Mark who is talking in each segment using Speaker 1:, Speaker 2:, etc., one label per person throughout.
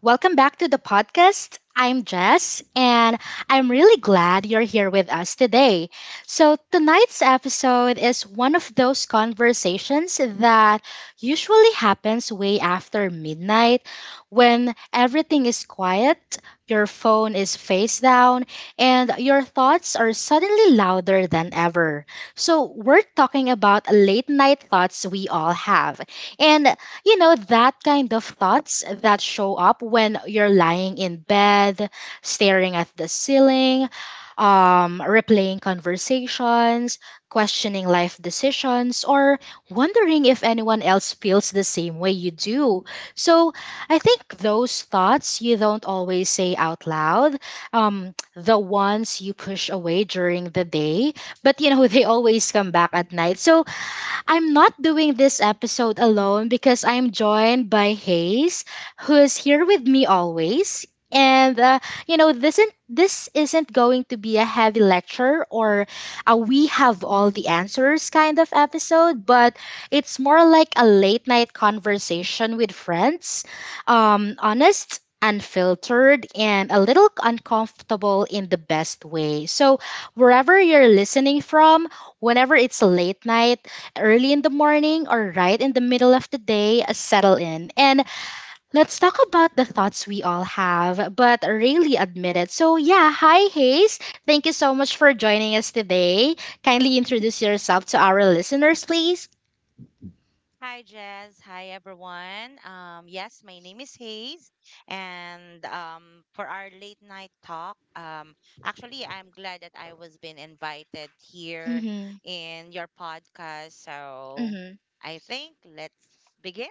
Speaker 1: Welcome back to the podcast. I'm Jess, and I'm really glad you're here with us today. So, tonight's episode is one of those conversations that usually happens way after midnight when everything is quiet, your phone is face down, and your thoughts are suddenly louder than ever. So, we're talking about late night thoughts we all have. And you know that kind of thoughts that show up when you're lying in bed staring at the ceiling, replaying conversations, questioning life decisions, or wondering if anyone else feels the same way you do. So I think those thoughts you don't always say out loud, the ones you push away during the day, but you know they always come back at night. So I'm not doing this episode alone because I'm joined by Hayes, who is here with me always. And you know, this isn't going to be a heavy lecture or a we have all the answers kind of episode, but it's more like a late night conversation with friends. Honest, unfiltered, and a little uncomfortable in the best way. So wherever you're listening from, whenever it's late night, early in the morning, or right in the middle of the day, settle in. And let's talk about the thoughts we all have, but really admit it. So, yeah, hi, Hayes. Thank you so much for joining us today. Kindly introduce yourself to our listeners, please.
Speaker 2: Hi, Jazz. Hi, everyone. Yes, my name is Hayes. And for our late night talk, actually, I'm glad that I was been invited here
Speaker 1: Mm-hmm.
Speaker 2: in your podcast. So
Speaker 1: Mm-hmm.
Speaker 2: I think let's begin.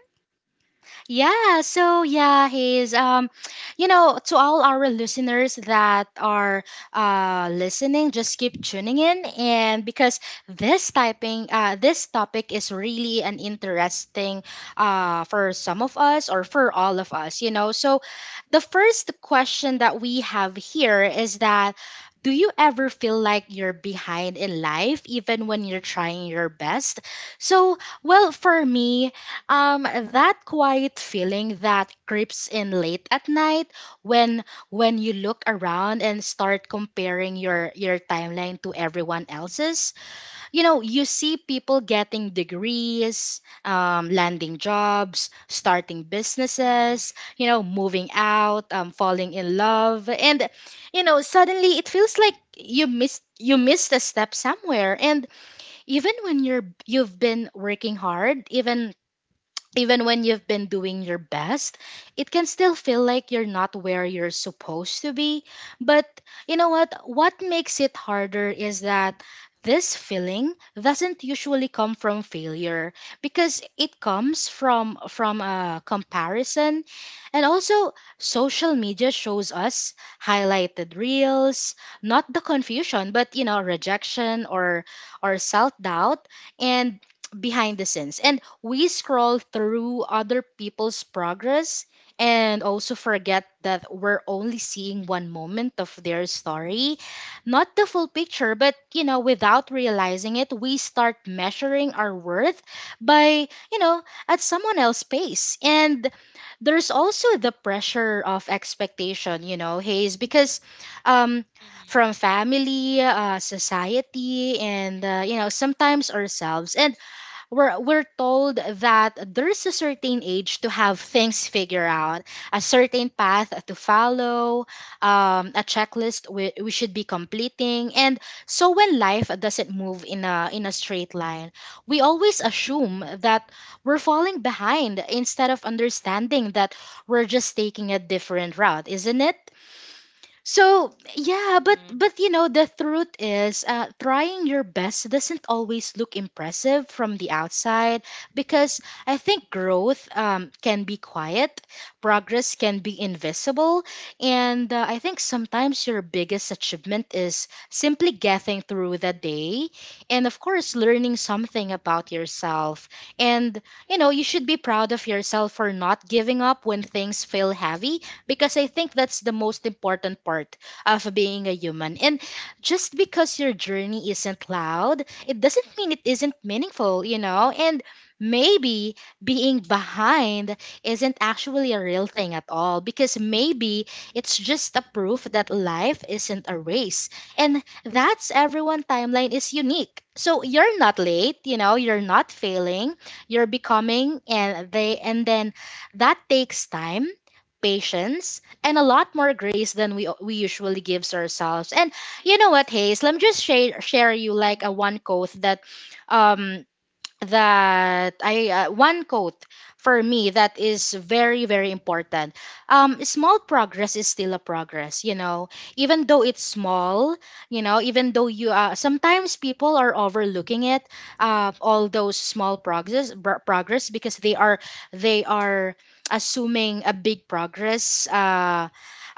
Speaker 1: Yeah, so yeah, he's you know, to all our listeners that are listening, just keep tuning in. And because this topic is really an interesting, for some of us or for all of us, you know. So the first question that we have here is that, do you ever feel like you're behind in life even when you're trying your best? So, well, for me, that quiet feeling that creeps in late at night when when you look around and start comparing your timeline to everyone else's. You know, you see people getting degrees, landing jobs, starting
Speaker 2: Mm-hmm.
Speaker 1: businesses, you know, moving out, falling in love, and you know, suddenly it feels like you missed a step somewhere. And even when you've been working hard, even when you've been doing your best, it can still feel like you're not where you're supposed to be. But you know what? What makes it harder is that this feeling doesn't usually come from failure, because it comes from a comparison. And also social media shows us highlighted reels, not the confusion, but you know, rejection, or self doubt, and behind the scenes. And we scroll through other people's progress and also forget that we're only seeing one moment of their story, not the full picture. But you know, without realizing it, we start measuring our worth by, you know, at someone else's pace. And there's also the pressure of expectation, you know, Hayes, because um, from family, society, and you know, sometimes ourselves. And we're told that there's a certain age to have things figured out, a certain path to follow, a checklist we should be completing. And so when life doesn't move in a straight line, we always assume that we're falling behind instead of understanding that we're just taking a different route, isn't it? So yeah, but
Speaker 2: Mm-hmm.
Speaker 1: you know, the truth is, trying your best doesn't always look impressive from the outside, because I think growth, can be quiet, progress can be invisible, and I think sometimes your biggest achievement is simply getting through the day, and of course learning something about yourself. And you know, you should be proud of yourself for not giving up when things feel heavy, because I think that's the most important part of being a human. And just because your journey isn't loud, it doesn't mean it isn't meaningful, you know? And maybe being behind isn't actually a real thing at all, because maybe it's just a proof that life isn't a race. And that's everyone timeline is unique. So you're not late, you know, you're not failing, you're becoming, and they and then that takes time, patience, and a lot more grace than we usually gives ourselves. And you know what, Hayes? Let me just share you like a
Speaker 2: Mm-hmm.
Speaker 1: one quote that um, that I one quote for me that is very important. Small progress is still a progress, you know, even though it's small, you know, even though you, sometimes people are overlooking it, all those progress, because they are assuming a big progress. Uh,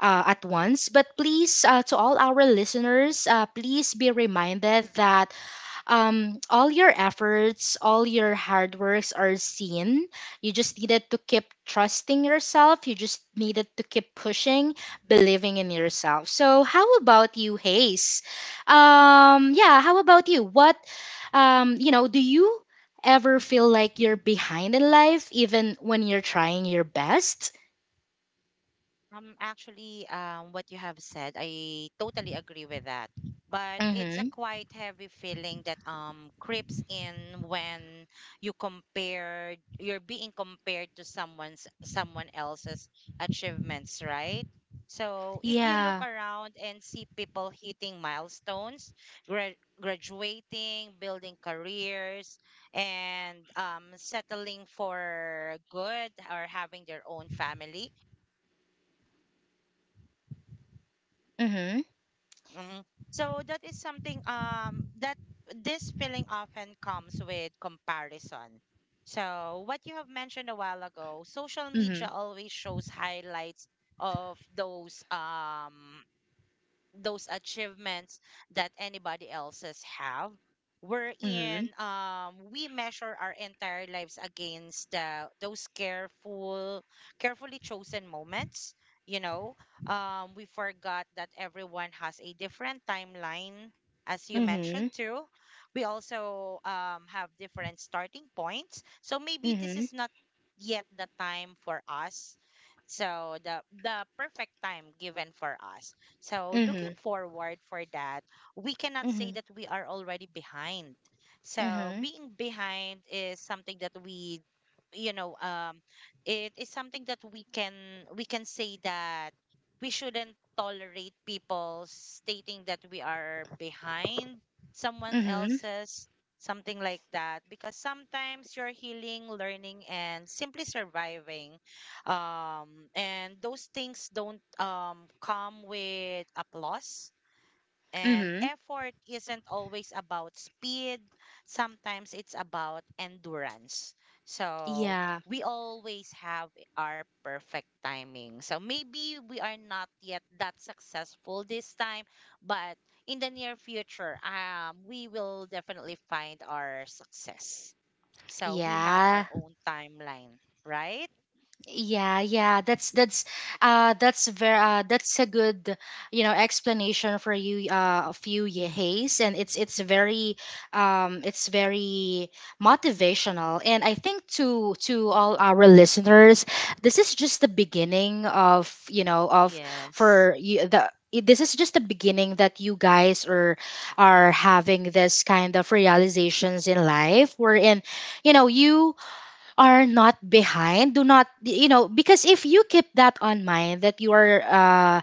Speaker 1: uh, At once. But please, to all our listeners, please be reminded that um, all your efforts, all your hard works are seen. You just needed to keep trusting yourself, you just needed to keep pushing, believing in yourself. So how about you, Hayes? Yeah, how about you? What, you know, do you ever feel like you're behind in life even when you're trying your best?
Speaker 2: Actually, what you have said, I totally agree with that. But it's a
Speaker 1: Mhm.
Speaker 2: quite heavy feeling that creeps in when you compare, you're being compared to someone else's achievements, right? So if you look
Speaker 1: Yeah.
Speaker 2: around and see people hitting milestones, gra graduating, building careers, and settling for good or having their own family.
Speaker 1: Mhm.
Speaker 2: Mm. So that is something that this feeling often comes with comparison. So what you have mentioned a while ago, social media
Speaker 1: Mhm.
Speaker 2: always shows highlights of those achievements that anybody else's have,
Speaker 1: Mhm.
Speaker 2: wherein we measure our entire lives against the those careful, carefully chosen moments, you know. We forgot that everyone has a different timeline, as you mentioned
Speaker 1: Mhm.
Speaker 2: too. We also have different starting points, so maybe this
Speaker 1: Mhm.
Speaker 2: is not yet the time for us, so the perfect time given for us. So, looking
Speaker 1: Mhm.
Speaker 2: forward for that, we cannot say
Speaker 1: Mhm.
Speaker 2: that we are already behind. So, being behind is something that we you know it is something that we can, we can say that we shouldn't tolerate people stating that we are behind someone
Speaker 1: Mhm.
Speaker 2: else's, something like that. Because sometimes you're healing, learning and simply surviving, um and those things don't come with applause, and
Speaker 1: Mhm.
Speaker 2: effort isn't always about speed. Sometimes it's about endurance. So
Speaker 1: Yeah,
Speaker 2: we always have our perfect timing, so maybe we are not yet that successful this time, but in the near future we will definitely find our success. So we have our
Speaker 1: yeah,
Speaker 2: own timeline, right?
Speaker 1: yeah. That's that's very, that's a good, you know, explanation for you, Hayes. And it's very, um, it's very motivational. And I think to all our listeners, this is just the beginning of, you know, of
Speaker 2: Yes.
Speaker 1: for you this is just the beginning that you guys are having this kind of realizations in life, wherein you know, you are not behind. Do not, you know, because if you keep that on mind that you are,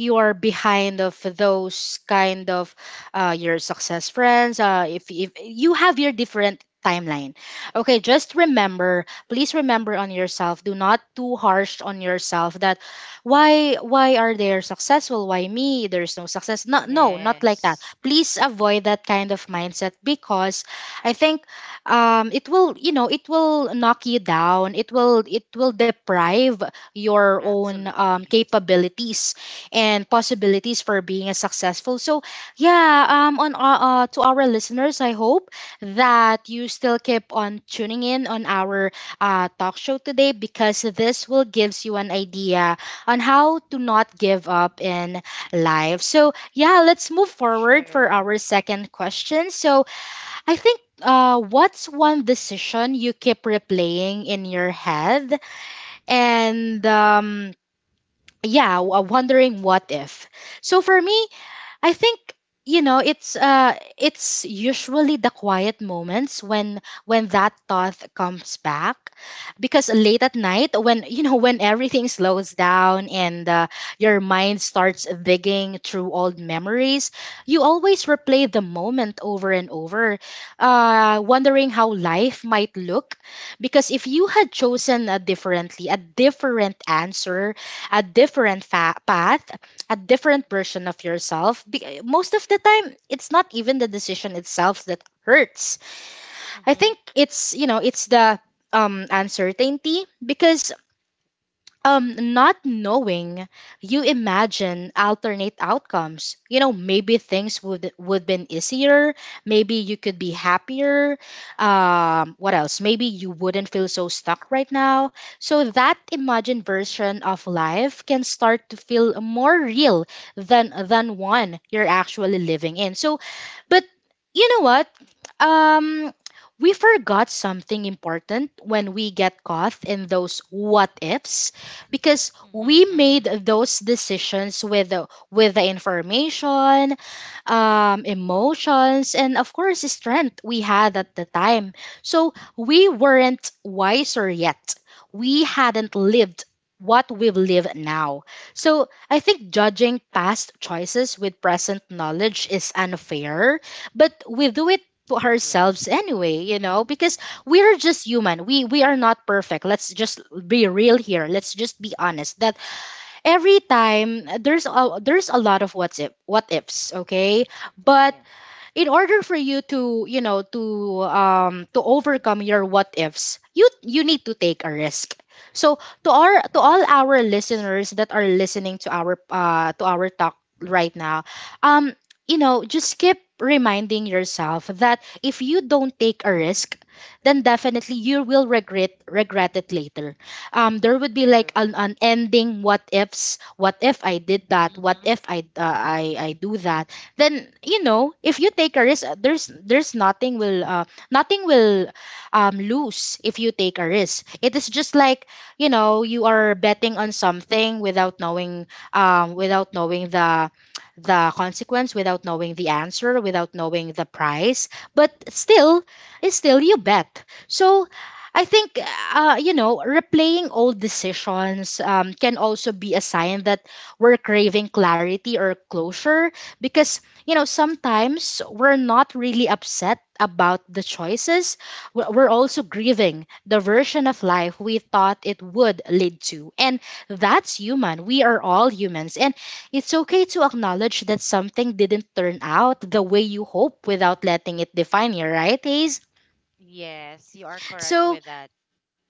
Speaker 1: you are behind of those kind of, your success friends, if you have your different timeline, okay, just remember, please remember
Speaker 2: Mm-hmm.
Speaker 1: on yourself, do not too harsh on yourself. That why, are they successful, why me, there's no success, no, no, not like that.
Speaker 2: Yes,
Speaker 1: Please avoid that kind of mindset, because I think um, it will, you know, it will knock you down, it will, deprive your own,
Speaker 2: absolutely.
Speaker 1: capabilities and possibilities for being a successful. So yeah, on to our listeners, I hope that you still keep on tuning in on our, talk show today, because this will gives you an idea on how to not give up in life. So yeah, let's move forward for
Speaker 2: True.
Speaker 1: our second question. So I think, what's one decision you keep replaying in your head, and yeah, wondering what if. So for me, I think, you know, it's usually the quiet moments when that thought comes back, because late at night when you know, when everything slows down, and your mind starts digging through old memories, you always replay the moment over and over, wondering how life might look, because if you had chosen a different answer, a different path, a different version of yourself. Most of the time, it's not even the decision itself that hurts. I
Speaker 2: Mm-hmm.
Speaker 1: think it's, you know, it's the, uncertainty, because not knowing, you imagine alternate outcomes. You know, maybe things would been easier. Maybe you could be happier. What else? Maybe you wouldn't feel so stuck right now. So that imagined version of life can start to feel more real than one you're actually living in. So, but you know what? Um, we forgot something important when we get caught in those what ifs, because we
Speaker 2: Mm-hmm.
Speaker 1: made
Speaker 2: Mm-hmm.
Speaker 1: those decisions with with the information, emotions, and of course, strength we had at the time. So we weren't wiser yet. We hadn't lived what we've lived now. So I think judging past choices with present knowledge is unfair, but we do it to
Speaker 2: Yes,
Speaker 1: ourselves anyway, you know, because we are just human. We are not perfect. Let's just be real here. Let's just be honest. That every time there's a lot of what's if what ifs, okay, but
Speaker 2: yeah.
Speaker 1: in order for you to, to overcome your what ifs, you need to take a risk. So to
Speaker 2: Of
Speaker 1: our to all
Speaker 2: course, of
Speaker 1: our
Speaker 2: course.
Speaker 1: listeners that are listening to our talk right now, um you know, just keep reminding yourself that if you don't take a risk, then definitely you will regret it later. Um, there would be like
Speaker 2: True.
Speaker 1: an ending what ifs. What if I did that? What
Speaker 2: Mm-hmm.
Speaker 1: if I, I do that? Then, you know, if you take a risk, there's nothing will, nothing will, lose if you take a risk. It is just like, you know, you are betting on something without knowing, without knowing the consequence, without knowing the answer, without knowing the price. But still, it's still you bet. So I think, you know, replaying old decisions can also be a sign that we're craving clarity or closure, because, you know, sometimes we're not really upset about the choices. We're also grieving the version of life we thought it would lead to. And that's human. We are all humans. And it's okay to acknowledge that something didn't turn out the way you hope without letting it define you, right, Ace?
Speaker 2: Yes, you are correct
Speaker 1: So,
Speaker 2: with that.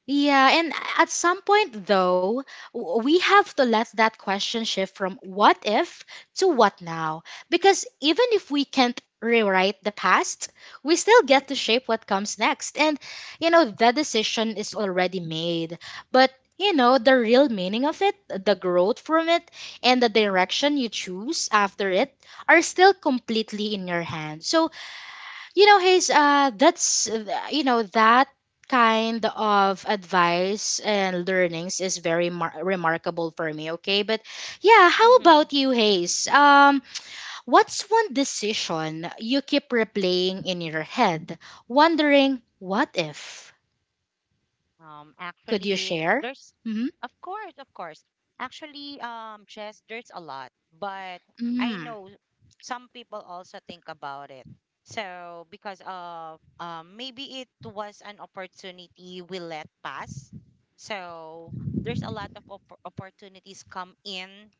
Speaker 1: yeah, and at some point, though, we have to let that question shift from what if to what now. Because even if we can't rewrite the past, we still get to shape what comes next. And, you know, the decision is already made. But, you know, the real meaning of it, the growth from it, and the direction you choose after it are still completely in your hands. So, you know, Hayes, that's, you know, that kind of advice and learnings is very remarkable for me, okay? But yeah, how
Speaker 2: Mm-hmm.
Speaker 1: about you, Hayes? What's one decision you keep replaying in your head, wondering, what if?
Speaker 2: Um,
Speaker 1: Could you
Speaker 2: actually,
Speaker 1: share?
Speaker 2: there's,
Speaker 1: Mm-hmm.
Speaker 2: of course, of course. Actually, Jess, there's a lot, but I
Speaker 1: Mm-hmm.
Speaker 2: know some people also think about it. So because of maybe it was an opportunity we let pass. So there's a lot of opportunities come in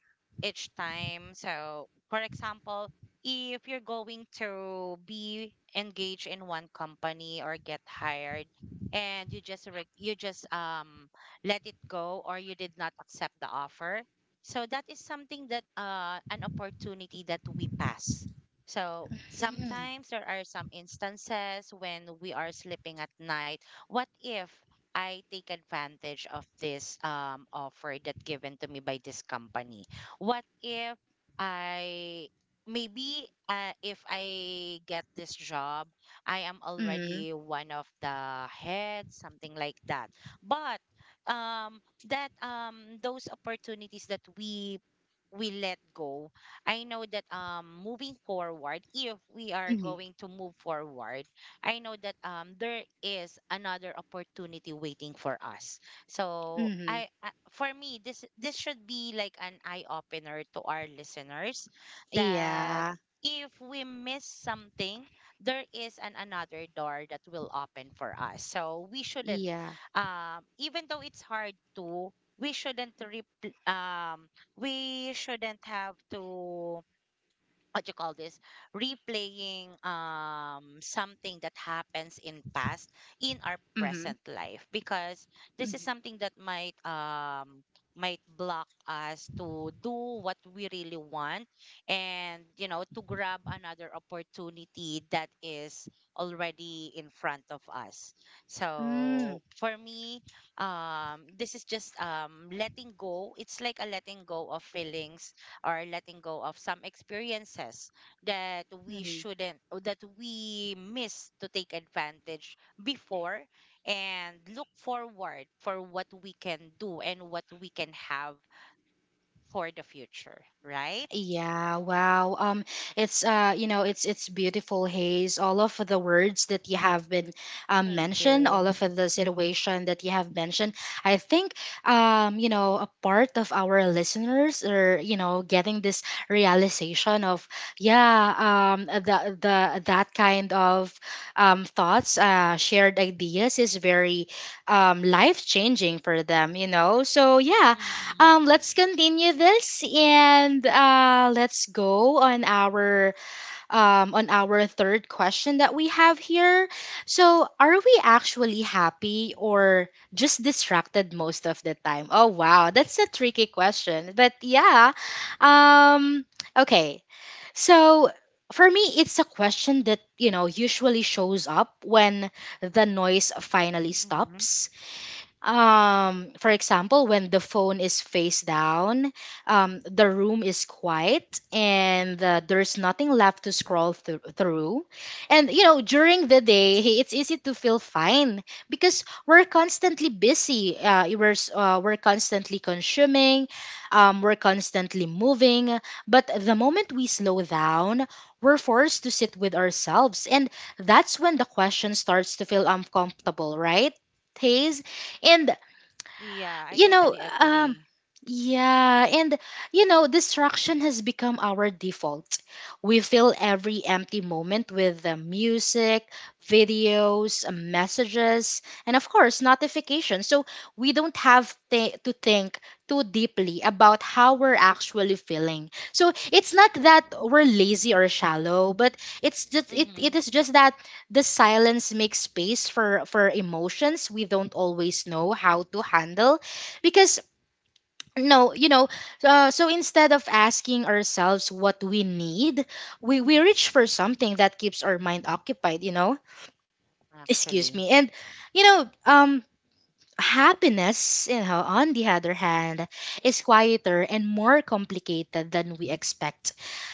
Speaker 2: each time. So, for example, if you're going to be engaged in one company or get hired and you just let it go, or you did not accept the offer, so that is something that an opportunity that we pass. So sometimes there are some instances when we are sleeping at night, what if I take advantage of this offer that given to me by this company. What if I, maybe if I get this job I am
Speaker 1: Mm-hmm.
Speaker 2: already one of the heads, something like that. But um, that those opportunities that we let go, I know that moving forward, if we are
Speaker 1: Mm-hmm.
Speaker 2: going to move forward, I know that there is another opportunity waiting for us. So
Speaker 1: Mm-hmm.
Speaker 2: I for me, this should be like an eye opener to our listeners that
Speaker 1: Yeah.
Speaker 2: if we miss something, there is an another door that will open for us. So we shouldn't,
Speaker 1: Yeah.
Speaker 2: even though it's hard to, we shouldn't repl- um we shouldn't have to, what you call this, replaying something that happens in past in our
Speaker 1: Mm-hmm.
Speaker 2: present life, because this is
Speaker 1: Mm-hmm.
Speaker 2: something that might block us to do what we really want, and you know, to grab another opportunity that is already in front of us.
Speaker 1: Mm-hmm.
Speaker 2: So for me, this is just letting go. It's like a letting go of feelings, or letting go of some experiences that we
Speaker 1: Mm-hmm.
Speaker 2: shouldn't, or that we miss to take advantage before, and look forward for what we can do and what we can have for the future, right?
Speaker 1: Yeah, wow. It's, you know, it's beautiful, Haze. All of the words that you have been,
Speaker 2: Thank
Speaker 1: mentioned, all
Speaker 2: you.
Speaker 1: of the situation that you have mentioned. I think, you know, a part of our listeners are, you know, getting this realization of, yeah, the that kind of thoughts, shared ideas is very life changing for them. You know, so yeah,
Speaker 2: Mm-hmm.
Speaker 1: let's continue this and, let's go on our third question that we have here. So, are we actually happy or just distracted most of the time? Oh wow, that's a tricky question. But yeah, um, okay. So for me, it's a question that, you know, usually shows up when the noise finally
Speaker 2: Mm-hmm.
Speaker 1: stops. For example, when the phone is face down, the room is quiet and, there's nothing left to scroll through. And, you know, during the day, hey, it's easy to feel fine because we're constantly busy. We're constantly consuming, we're constantly moving. But the moment we slow down, we're forced to sit with ourselves. And that's when the question starts to feel uncomfortable, right, Hey? And,
Speaker 2: Yeah, I
Speaker 1: you know,
Speaker 2: totally agree.
Speaker 1: yeah, and you know, distraction has become our default. We fill every empty moment with, music, videos, messages, and of course, notifications. So we don't have to think too deeply about how we're actually feeling. So it's not that we're lazy or shallow, but it's just
Speaker 2: Mm-hmm.
Speaker 1: it is just that the silence makes space for emotions we don't always know how to handle. Because, no you know, so instead of asking ourselves what we need, we reach for something that keeps our mind occupied, you know? Excuse
Speaker 2: Actually.
Speaker 1: me. And, you know, happiness, you know, on the other hand, is quieter and more complicated than we expect,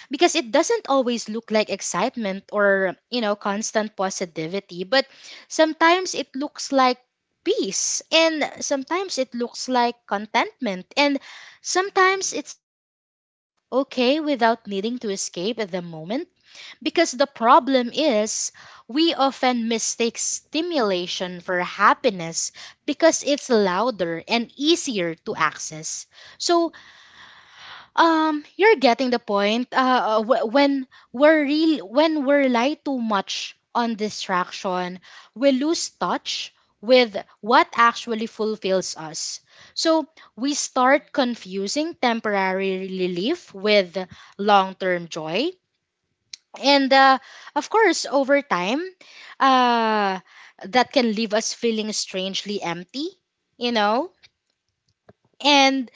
Speaker 1: because it doesn't always look like excitement or, you know, constant positivity, but sometimes it looks like peace, and sometimes it looks like contentment, and sometimes
Speaker 2: Mm-hmm.
Speaker 1: it's just the feeling okay without needing to escape at the moment. Because the problem is, we often mistake stimulation for happiness because it's louder and easier to access. So, you're getting the point. When we're real, when we rely too much on distraction, we lose touch with what actually fulfills us. So we
Speaker 2: Mm-hmm.
Speaker 1: start confusing temporary relief with long-term joy, and, of course, over time, uh, that can leave us feeling strangely empty, you know? And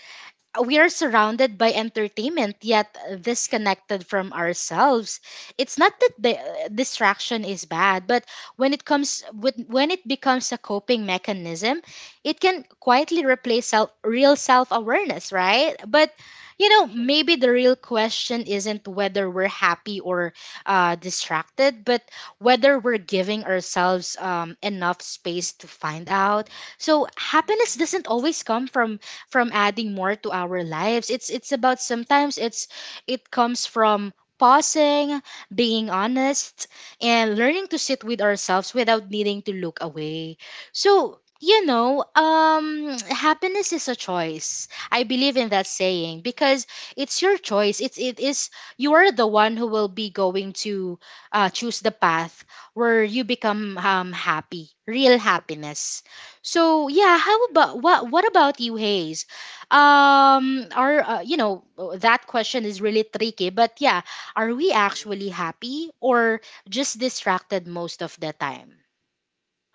Speaker 1: we are surrounded by entertainment yet disconnected from ourselves. It's not that the, distraction is bad, but when it comes with when it becomes a coping mechanism, it can quietly
Speaker 2: Mm-hmm.
Speaker 1: replace self real self awareness, right? But you know,
Speaker 2: Actually.
Speaker 1: maybe the real question isn't whether we're happy or, distracted, but whether we're giving ourselves enough space to find out. So happiness
Speaker 2: Mm-hmm.
Speaker 1: doesn't always come from adding more to our lives. It's about, sometimes it's, it comes from pausing, being honest, and learning to sit with ourselves without needing to look away. So, you know, happiness is a choice. I believe in that saying
Speaker 2: Mm-hmm.
Speaker 1: because it's your choice. It is you are the one who will be going to, choose the path where you become happy, real happiness. So yeah, how
Speaker 2: True.
Speaker 1: about, what about you, Hayes? Are, you know, that question is really tricky, but yeah, are we
Speaker 2: Actually.
Speaker 1: actually happy or just distracted most of the time?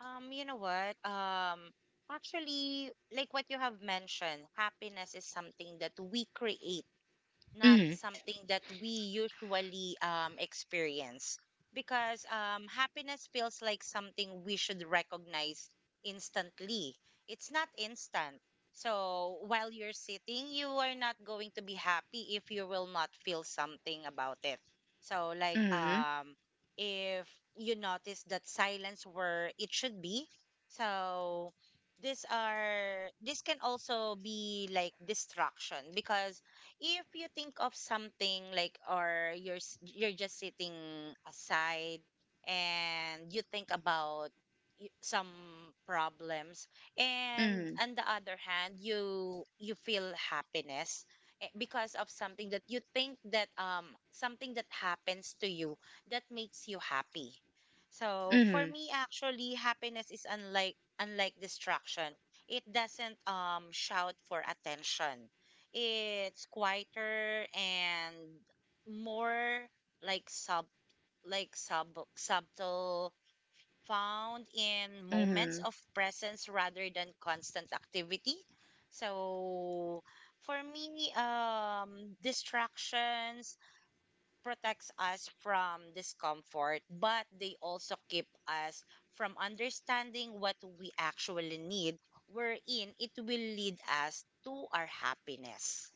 Speaker 2: You know what? Actually, like what you have mentioned, happiness is something that we create, not
Speaker 1: Mm,
Speaker 2: something that we usually experience. Because happiness feels like something we should recognize instantly. It's not instant. So while you're sitting, you are not going to be happy if you will not feel something about it. So like
Speaker 1: mm,
Speaker 2: if you notice that silence where it should be. So these are, this can also be like distraction, because if you think of something like, or you're just sitting aside and you think about some problems, and
Speaker 1: mm,
Speaker 2: on the other hand you you feel happiness, eh, because of something that you think that something that happens to you, that makes you happy. So for
Speaker 1: mm,
Speaker 2: me actually, happiness is unlike distraction. It doesn't shout for attention. It's quieter and more, like like sub subtle, found in moments
Speaker 1: mm.
Speaker 2: of presence rather than constant activity. So for me, distractions protects us from discomfort, but they also keep us from understanding what we actually need, wherein it will lead us to our happiness.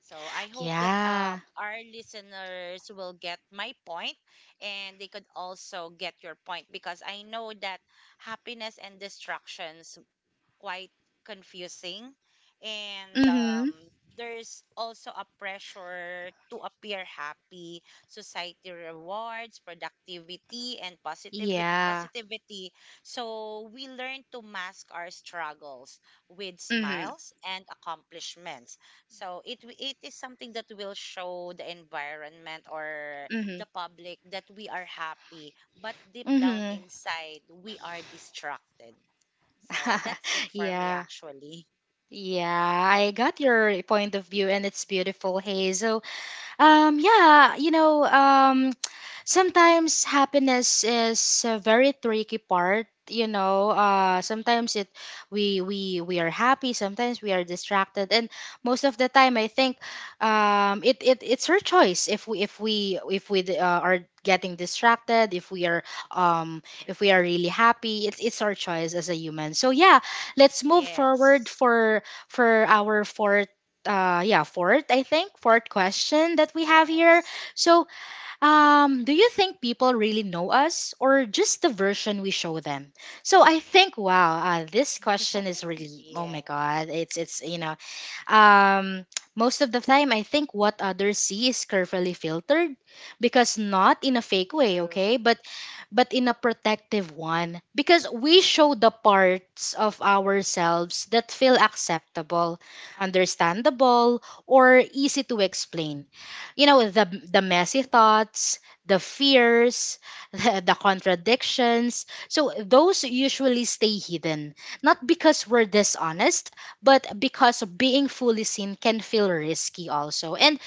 Speaker 2: So I hope that
Speaker 1: Yeah.
Speaker 2: our listeners will get my point and they could also get your point, because I know that happiness and distractions quite confusing. And
Speaker 1: Mm-hmm.
Speaker 2: there's also a pressure to appear happy. Society rewards productivity and positive
Speaker 1: Yeah.
Speaker 2: positivity. So we learn to mask our struggles with
Speaker 1: Mm-hmm.
Speaker 2: smiles and accomplishments. So it is something that will show the environment or
Speaker 1: Mm-hmm.
Speaker 2: the public that we are happy, but deep down
Speaker 1: Mm-hmm.
Speaker 2: inside we are distracted. So that's it for me,
Speaker 1: Yeah.
Speaker 2: actually.
Speaker 1: Yeah, I got your point of view and it's beautiful, Hey. Yeah, you know, sometimes happiness is a very tricky part. You know,
Speaker 2: Mm-hmm.
Speaker 1: sometimes it, we are happy, sometimes we are distracted, and most of the time, I think, it's our choice if we, if we, are getting distracted, if we are, um if we are really happy, it's our choice as a human. So yeah, let's move forward
Speaker 2: Yes.
Speaker 1: for our fourth, yeah fourth I think fourth question that we have here.
Speaker 2: Yes.
Speaker 1: So, do you think people really know us or just the version we show them? So I think, wow, this question is really, oh my
Speaker 2: Yeah.
Speaker 1: god, it's, you know, um, most of the time, I think what others see is carefully filtered, because not in a fake way,
Speaker 2: True.
Speaker 1: okay, but in a protective one, because we show the parts of ourselves that feel acceptable, understandable, or easy to explain. You know, the messy thoughts, the fears, the contradictions. So those usually stay hidden, not because we're dishonest, but because being fully seen can feel risky also. And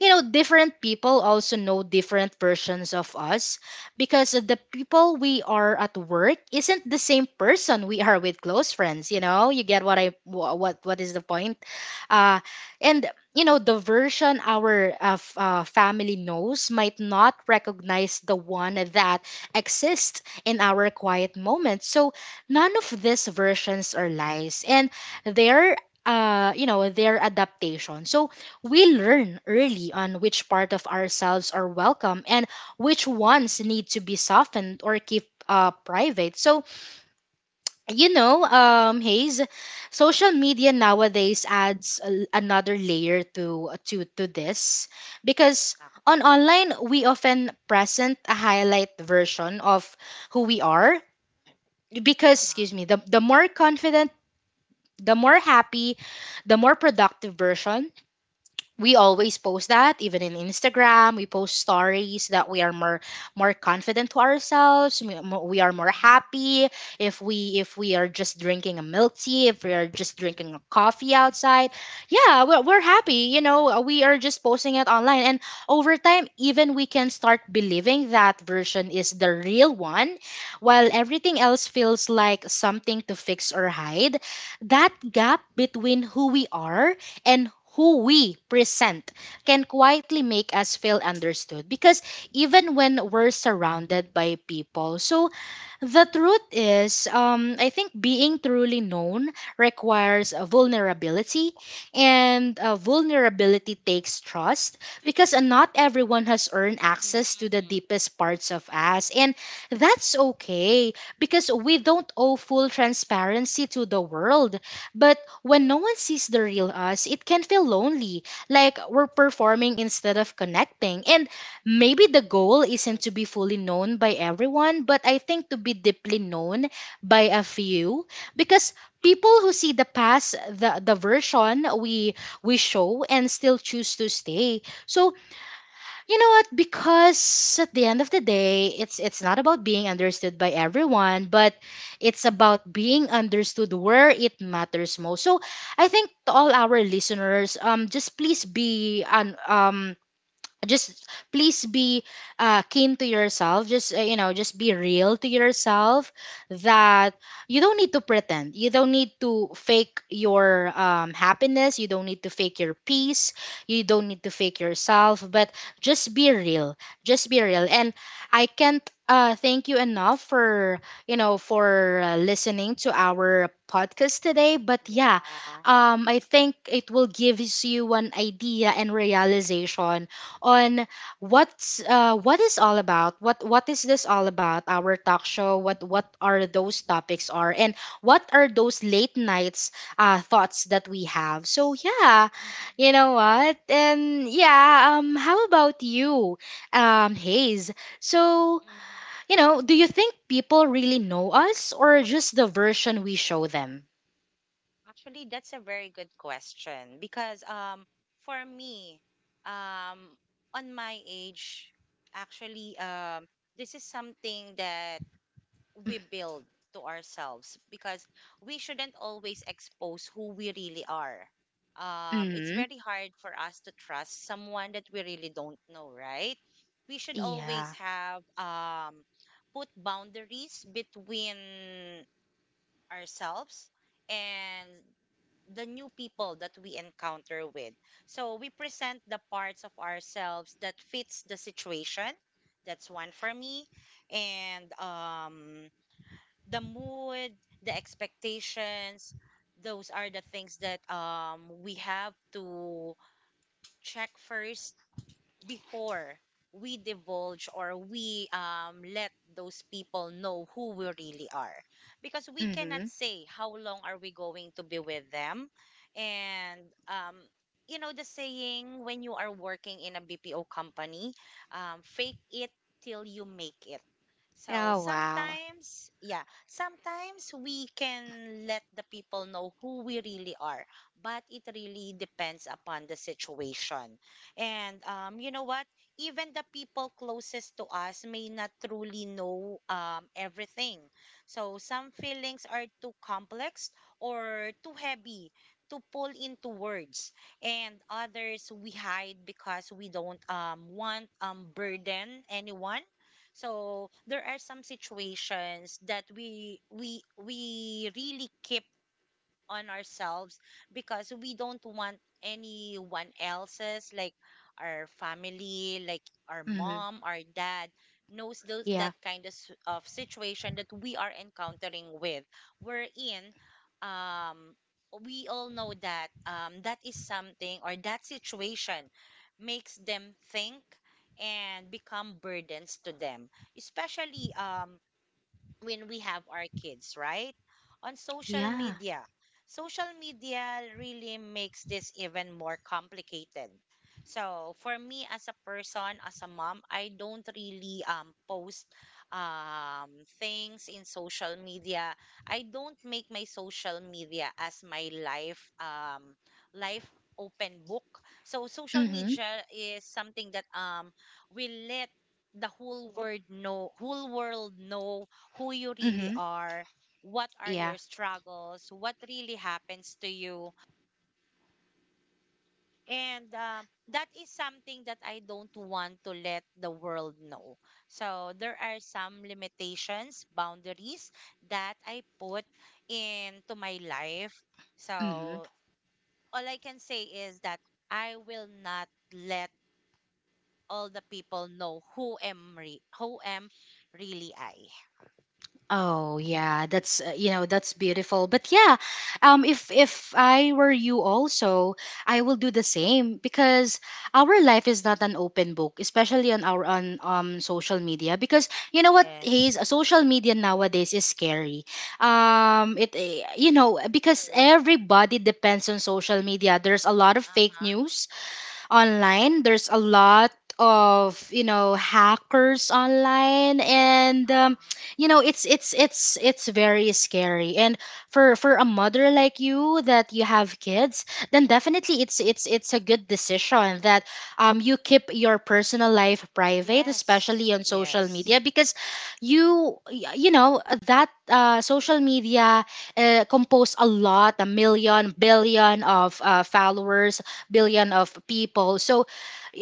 Speaker 1: you know, different people also know different versions of us, because the people we are at work isn't the same person we are with close friends, you know? You get what I, what what is the point? uh, and you know, the version our, family knows might not recognize the one that exists in our quiet moments. So none of these versions are lies, and they're, you know, their adaptation. So we learn early on which part of ourselves are welcome and which ones need to be softened or keep, private. So, you know, Hayes, social media
Speaker 2: Mm-hmm.
Speaker 1: nowadays adds another layer to this, because on
Speaker 2: Actually.
Speaker 1: online we often present a highlight version of who we are, because,
Speaker 2: Uh-huh.
Speaker 1: excuse me, the more confident, the more happy, the more productive version. We always post that. Even in Instagram, we post stories that we are more, more confident to ourselves, we are more
Speaker 2: Mm-hmm.
Speaker 1: happy. If we, if we are just drinking a milk tea, if we are just drinking a coffee outside, yeah, we're happy, you know, we are just posting it online. And over time, even we can start believing that version is the real one, while everything else feels like something to fix or hide. That gap between who we are and who we present can quietly make us feel understood, because even when we're surrounded by people. So the truth is, I think being truly known requires a vulnerability, and a vulnerability
Speaker 2: Mm-hmm.
Speaker 1: takes trust, because, not everyone has earned access to
Speaker 2: Mm-hmm.
Speaker 1: the
Speaker 2: Mm-hmm.
Speaker 1: deepest parts of us, and that's okay, because we don't owe full transparency to the world. But when no one sees the real us, it can feel lonely, like we're performing instead of connecting. And maybe the goal
Speaker 2: True.
Speaker 1: isn't to be fully known by everyone, but I think to be deeply known by a few, because people who see the past, the version we show and still choose to stay. So, you know what? Because at the end of the day, it's not about being understood by everyone, but it's about being understood where it matters most. So, I think to all our listeners, just please be an just please be keen to yourself, just just be real to yourself. That You don't need to pretend, you don't need to fake your happiness, you don't need to fake your peace, you don't need to fake yourself,
Speaker 2: Mm-hmm.
Speaker 1: but just be real, just be real. And I can't thank you enough for for listening to our podcast today. But yeah.
Speaker 2: Yeah.
Speaker 1: I think it will give you an idea and realization on what is all about, what is this all about, our talk show, what are those topics, are and what are those late nights, thoughts that we have. So
Speaker 2: Thoughts.
Speaker 1: yeah.
Speaker 2: Mm-hmm.
Speaker 1: you know what and yeah. How about you, Hayes? So,
Speaker 2: Mm-hmm.
Speaker 1: do you think people really know us, or just the version we show them?
Speaker 2: Actually, that's a very good question because for me um on my age, actually, this is something that we build to ourselves because we shouldn't always expose who we really are. It's
Speaker 1: Mm-hmm.
Speaker 2: very hard for us to trust someone that we really don't know, right? We should always
Speaker 1: Yeah.
Speaker 2: have put boundaries between ourselves and the new people that we encounter with. So we present the parts of ourselves that fits the situation. That's one for me. And the mood, the expectations, those are the things that we have to check first before we divulge, or we let those people know who we really are, because we cannot
Speaker 1: Mm-hmm.
Speaker 2: say how long are we going to be with them. And um, you know the saying, when you are working in a BPO company, fake it till you make it. So
Speaker 1: Oh, wow.
Speaker 2: sometimes, yeah, sometimes we can let the people know who we really are, but it really depends upon the situation. And you know what? Even the people closest to us may not truly know everything. So some feelings are too complex or too heavy to pull into words, and others we hide because we don't want burden anyone. So there are some situations that we really keep on ourselves because we don't want anyone else's, like our family, like our
Speaker 1: Mm-hmm.
Speaker 2: mom, our dad, knows those,
Speaker 1: Yeah,
Speaker 2: that kind of, of situation that we are encountering with, we're in um we all know that that is something, or that situation makes them think and become burdens to them, especially when we have our kids, right? On social
Speaker 1: yeah.
Speaker 2: media. Social media really makes this even more complicated. So, for me as a person, as a mom, I don't really post um, things in social media. I don't make my social media as my life, open book. So, social
Speaker 1: Mm-hmm.
Speaker 2: media is something that will let the whole world know who you really
Speaker 1: Mm-hmm.
Speaker 2: are, what are
Speaker 1: Yeah.
Speaker 2: your struggles, what really happens to you. And that is something that I don't want to let the world know. So there are some limitations, boundaries that I put into my life.
Speaker 1: Mm-hmm.
Speaker 2: So all I can say is that I will not let all the people know who am really I.
Speaker 1: Oh yeah, that's that's beautiful. But yeah, if I were you also, I will do the same, because our life is not an open book, especially on our on social media. Because you know what, Hayes,
Speaker 2: Yes.
Speaker 1: social media nowadays is scary. It eh, you know Because
Speaker 2: True.
Speaker 1: everybody depends on social media. There's a lot of fake
Speaker 2: Uh-huh.
Speaker 1: news online. There's a lot of hackers online, and
Speaker 2: Uh-huh.
Speaker 1: it's very scary. And for a mother like you that you have kids, then definitely it's it's a good decision that you keep your personal life private,
Speaker 2: Yes,
Speaker 1: especially on social
Speaker 2: yes.
Speaker 1: media, because you know that social media compose a lot, a million, billion of followers, billion of people. So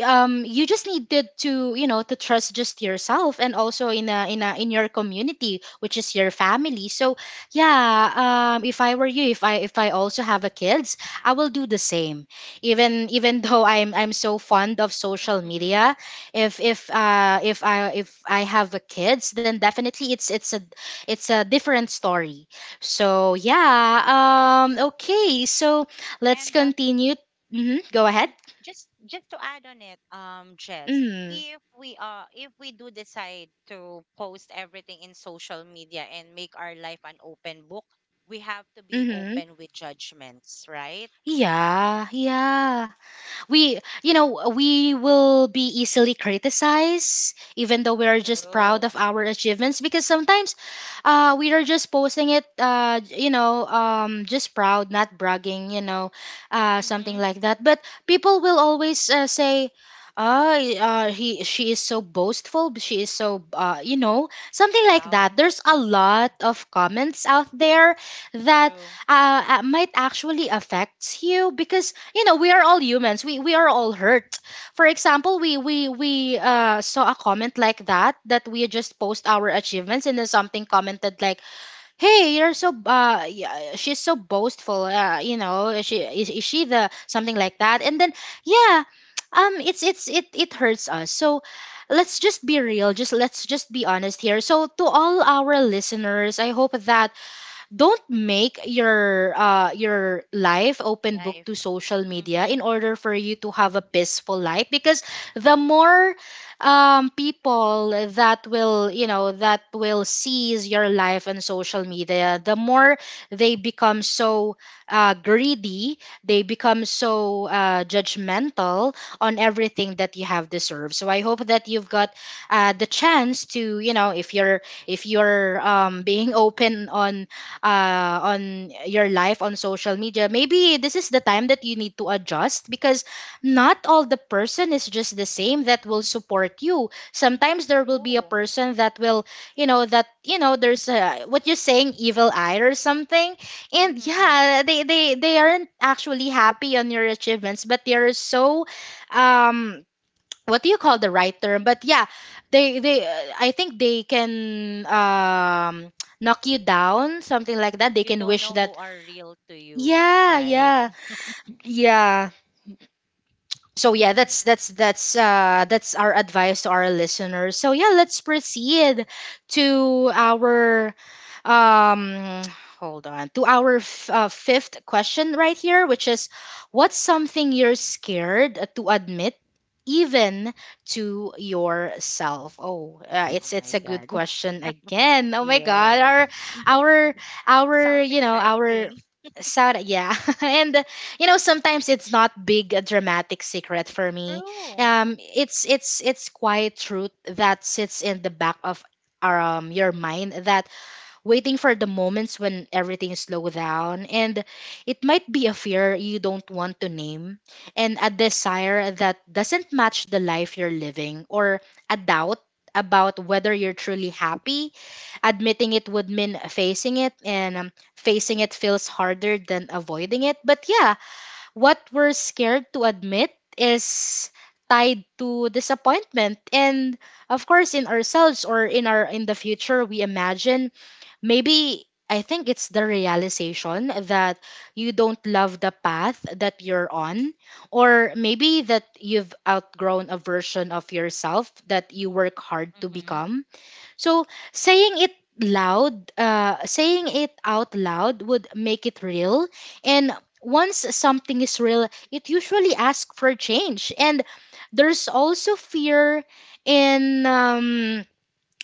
Speaker 1: you just needed to, to trust just yourself, and also in a in a in your community, which is your family. So yeah. If I were you, if I also have a kids, I will do the same. Even even though I'm so fond of social
Speaker 2: Hmm.
Speaker 1: media, if I if I have a kids, then definitely it's a different story. So yeah,
Speaker 2: Yes.
Speaker 1: okay. So let's
Speaker 2: And
Speaker 1: continue. Hmm, go ahead.
Speaker 2: mm, just to add on it, Jess,
Speaker 1: Mm-hmm.
Speaker 2: if we do decide to post everything in social media and make our life an open book, we have to be
Speaker 1: Mm-hmm.
Speaker 2: open with judgments, right?
Speaker 1: Yeah, yeah, we you know we will be easily criticized even though we are
Speaker 2: Yeah.
Speaker 1: just
Speaker 2: True.
Speaker 1: proud of our achievements, because sometimes we are just posting it, just proud, not bragging, something
Speaker 2: Mm-hmm.
Speaker 1: like that. But people will always say, ah, he she is so boastful, but she is so something like that.
Speaker 2: Proud.
Speaker 1: There's a lot
Speaker 2: Mm.
Speaker 1: of comments out there that
Speaker 2: True.
Speaker 1: might actually affects you, because we are all humans, we are all hurt. For example, we saw a comment like that, that we just post our achievements, and then something commented like, hey, you're so uh, yeah, she's so boastful, is she the something like that. And then yeah, it's it it hurts us. So let's just be real,
Speaker 2: Fully.
Speaker 1: just let's just be honest here. So to all our listeners, I hope that don't make your life open book to
Speaker 2: Life.
Speaker 1: social media in
Speaker 2: Mm-hmm.
Speaker 1: order for you to have a peaceful life, because the more people that will you know that will seize your life on social media, the more they become so greedy, they become so judgmental on everything that you have deserved. So I hope that you've got the chance to, if you're being open on your life on social media, maybe this is the time that you need to adjust, because not all the person is just the same that will support you. Sometimes there will be a
Speaker 2: True.
Speaker 1: person that will, you know, that, you know, there's a, what you're saying, evil eye or something.
Speaker 2: Mm-hmm,
Speaker 1: And
Speaker 2: mm-hmm.
Speaker 1: yeah, they aren't actually happy on your achievements, but they are so, um, what do you call the right term. But yeah, they I think they can knock you down, something like that. They
Speaker 2: You
Speaker 1: can
Speaker 2: don't
Speaker 1: wish
Speaker 2: know who
Speaker 1: that
Speaker 2: are real to you,
Speaker 1: yeah,
Speaker 2: right?
Speaker 1: yeah, yeah. So yeah, that's our advice to our listeners. So yeah, let's proceed to our um hold on, to our fifth question right here, which is, what's something you're scared to admit even to yourself? Oh, uh,
Speaker 2: Oh
Speaker 1: it's it's
Speaker 2: my
Speaker 1: a good
Speaker 2: God.
Speaker 1: question again. Oh my god,
Speaker 2: Yes.
Speaker 1: our our
Speaker 2: Sounds
Speaker 1: you know our
Speaker 2: exciting.
Speaker 1: Sarah, yeah, and you know, sometimes it's not big a dramatic secret for me.
Speaker 2: True.
Speaker 1: It's it's quiet truth that sits in the back of your mind, that waiting for the moments when everything slow down. And it might be a fear you don't want to name, and a desire that doesn't match the life you're living, or a doubt about whether you're truly happy. Admitting it would mean facing it, and facing it feels harder than avoiding it. But yeah, what we're scared to admit is tied to disappointment, and of course in ourselves, or in our in the future we imagine. Maybe I think it's the realization that you don't love the path that you're on, or maybe that you've outgrown a version of yourself that you work hard to
Speaker 2: Mm-hmm.
Speaker 1: become. So saying it loud, saying it out loud would make it real. And once something is real, it usually asks for change. And there's also fear in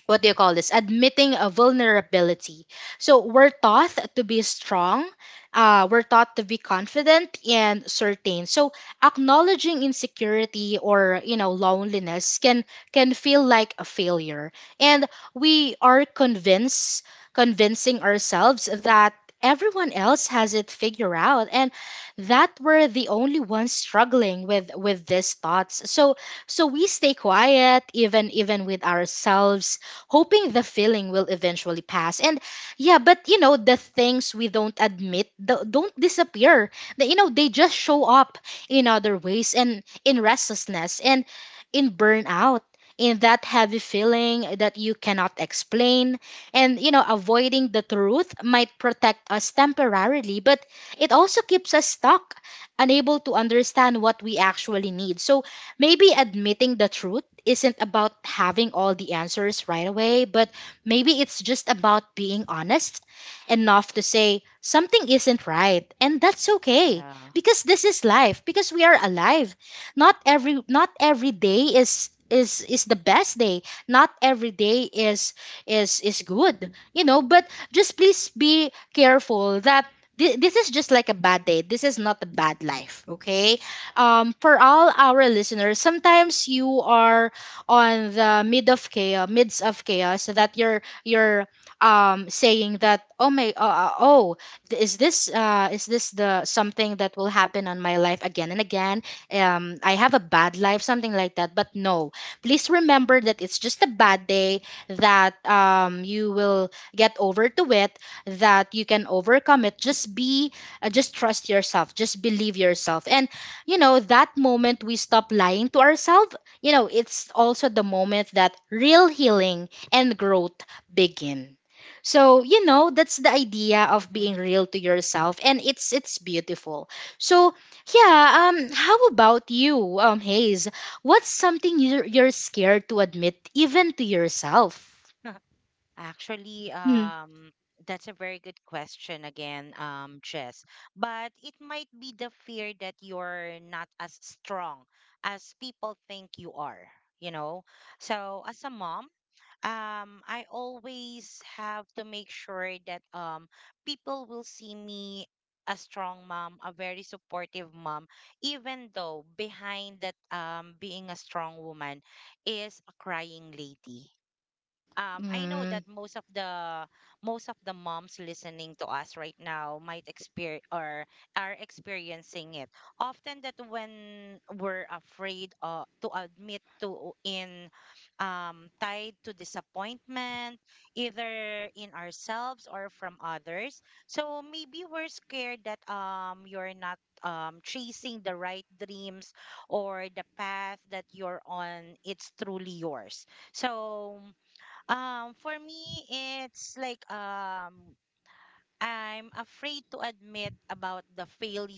Speaker 1: what do you call this, admitting a vulnerability. So we're taught to be strong, we're taught to be confident and certain. So acknowledging insecurity or loneliness can feel like a failure. And we are convinced convincing ourselves that everyone else has it figured out, and that we're the only ones struggling with these thoughts. So we stay quiet, even with ourselves, hoping the feeling will eventually pass. And yeah, but you know, the things we don't admit don't disappear. They, you know, they just show up in other ways, and in restlessness, and in burnout. In that heavy feeling that you cannot explain. And, you know, avoiding the truth might protect us temporarily, but it also keeps us stuck, unable to understand what we actually need. So, maybe admitting the truth isn't about having all the answers right away, but maybe it's just about being honest enough to say something isn't right, and that's okay,
Speaker 2: Yeah.
Speaker 1: because this is life, because we are alive. Not every day is is the best day. Not every day is is good. You know, but just please be careful that this is just like a bad day. This is not a bad life, okay? For all our listeners, sometimes you are on the mid of chaos, midst of chaos, so that you're saying that, oh my oh, is this the something that will happen on my life again and again? I have a bad life, something like that. But no, please remember that it's just a bad day, that you will get over to it, that you can overcome it. Just be just trust yourself, just believe yourself. And you know, that moment we stop lying to ourselves, you know, it's also the moment that real healing and growth begin. So, you know, that's the idea of being
Speaker 2: Mm-hmm.
Speaker 1: real to yourself, and it's beautiful. So, yeah, how about you, Hayes? What's something you're scared to admit even to yourself?
Speaker 2: Actually,
Speaker 1: Mm.
Speaker 2: that's a very good question again, Jess. But it might be the fear that you're not as strong as people think you are, you know? So, as a mom, I always have to make sure that people will see me a strong mom, a very supportive mom, even though behind that being a strong woman is a crying lady. I know
Speaker 1: Mm,
Speaker 2: that most of the moms listening to us right now might experience or are experiencing it. Often that when we're afraid to admit to in, tied to disappointment, either in ourselves or from others. So maybe we're scared that, you're not chasing the right dreams or the path that you're on. It's truly yours. So for me, it's like, I'm afraid to admit about the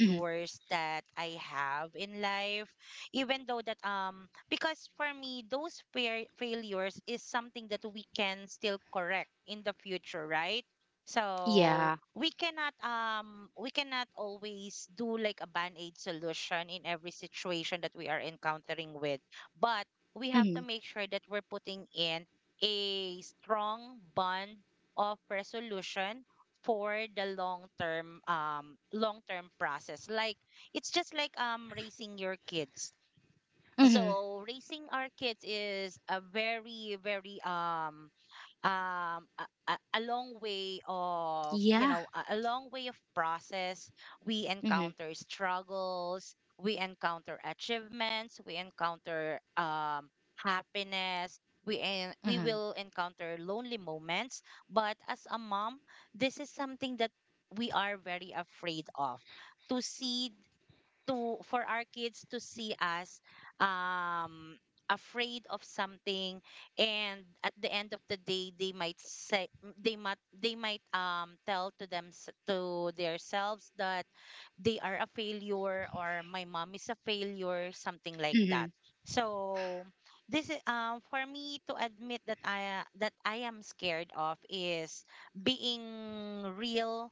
Speaker 1: mhm.
Speaker 2: that I have in life, even though that because for me those failures is something that we can still correct in the future, right? So
Speaker 1: Yeah.
Speaker 2: we cannot, we cannot always do like a band-aid solution in every situation that we are encountering with, but we have to
Speaker 1: Mm-hmm.
Speaker 2: make sure that we're putting in a strong bond of resolution for the long term, long term process, like it's just like, raising your kids.
Speaker 1: Mm-hmm.
Speaker 2: So raising our kids is a very very, a, a long way of, you
Speaker 1: Yeah.
Speaker 2: know, a long way of process. We
Speaker 1: Mm-hmm.
Speaker 2: encounter struggles, we encounter achievements, we encounter, happiness, we we
Speaker 1: Mm-hmm.
Speaker 2: will encounter lonely moments. But as a mom, this is something that we are very afraid of to see, to for our kids to see us, um afraid of something. And at the end of the day they might say, they might, tell to them, to themselves that they are a failure or my mom is a failure, something like that.
Speaker 1: Mm-hmm.
Speaker 2: So this is, for me to admit that I am scared of is being real.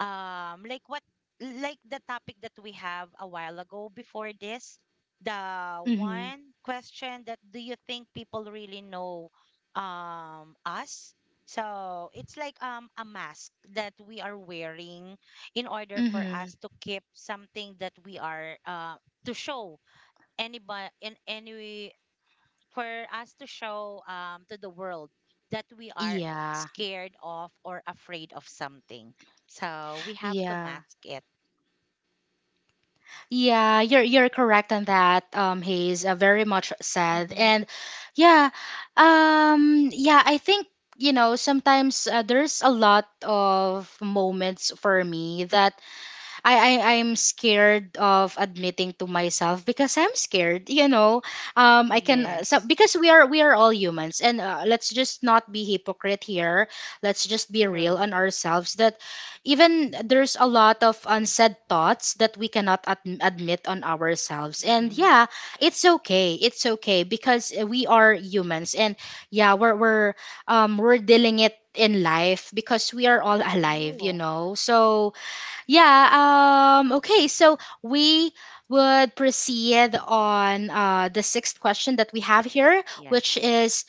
Speaker 2: Like what, like the topic that we have a while ago before this, the
Speaker 1: Mm-hmm.
Speaker 2: one question that, do you think people really know us? So it's like, a mask that we are wearing in order for
Speaker 1: Mm-hmm.
Speaker 2: us to keep something that we are, to show anybody in any, for us to show, to the world that we are
Speaker 1: Yeah.
Speaker 2: scared of or afraid of something. So we have to
Speaker 1: Yeah.
Speaker 2: mask it.
Speaker 1: Yeah, you're correct on that. Hayes, very much said.
Speaker 2: Mm-hmm.
Speaker 1: And yeah, yeah, I think you know, sometimes there's a lot of moments for me that I I'm scared of admitting to myself because I'm scared. You know, I can
Speaker 2: Yes,
Speaker 1: because we are all humans, and let's just not be hypocrite here. Let's just be real
Speaker 2: true.
Speaker 1: on ourselves, that even there's a lot of unsaid thoughts that we cannot admit on ourselves. And
Speaker 2: Mm-hmm.
Speaker 1: yeah, it's okay. It's okay, because we are humans, and yeah, we're we're dealing it in life because we are all alive. You
Speaker 2: True.
Speaker 1: know, so yeah, okay, so we would proceed on the sixth question that we have
Speaker 2: Tic-
Speaker 1: here,
Speaker 2: Yeah.
Speaker 1: which is,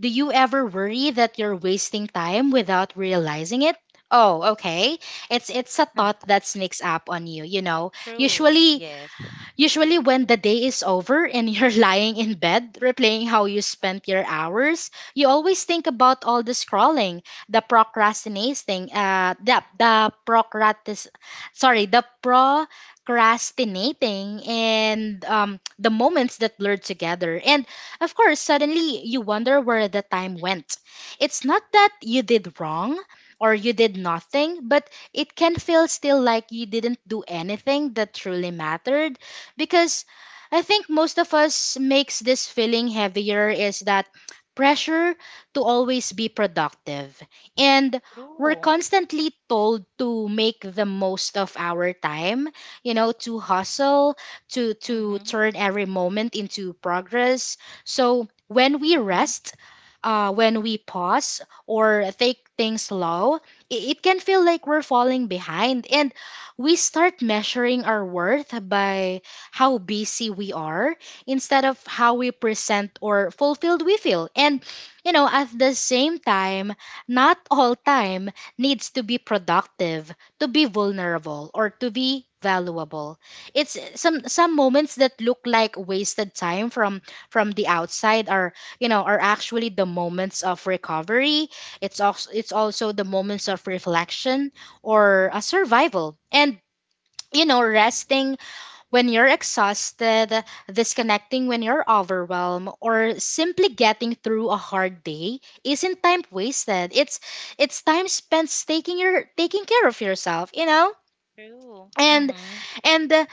Speaker 1: do you ever worry that you're wasting time without realizing it? Oh, okay. It's a thought that sneaks up on you, you know.
Speaker 2: True.
Speaker 1: Usually
Speaker 2: Yes.
Speaker 1: Usually, when the day is over and you're lying in bed replaying how you spent your hours, you always think about all the scrolling, the procrastinating, the procrastinating, and the moments that blurred together. And of course, suddenly you wonder where the time went. It's not that you did wrong or you did nothing, but it can feel still like you didn't do anything that truly mattered, because I think most of us makes this feeling heavier is that pressure to always be productive. And we're
Speaker 2: True.
Speaker 1: constantly told to make the most of our time, you know, to hustle, to
Speaker 2: Mm-hmm.
Speaker 1: turn every moment into progress. So when we
Speaker 2: Mm-hmm.
Speaker 1: rest, when we pause or take things slow, it can feel like we're falling behind. And we start measuring our worth by how busy we are instead of how we present or fulfilled we feel. You know, at the same time, not all time needs to be productive, to be vulnerable, or to be valuable. It's some moments that look like wasted time from the outside are, you know, are actually the moments of recovery. It's also the moments of reflection or a survival. And you know, resting when you're exhausted, disconnecting when you're overwhelmed, or simply getting through a hard day isn't time wasted. It's time spent taking care of yourself, you know?
Speaker 2: True.
Speaker 1: And
Speaker 2: Mm-hmm.
Speaker 1: and uh,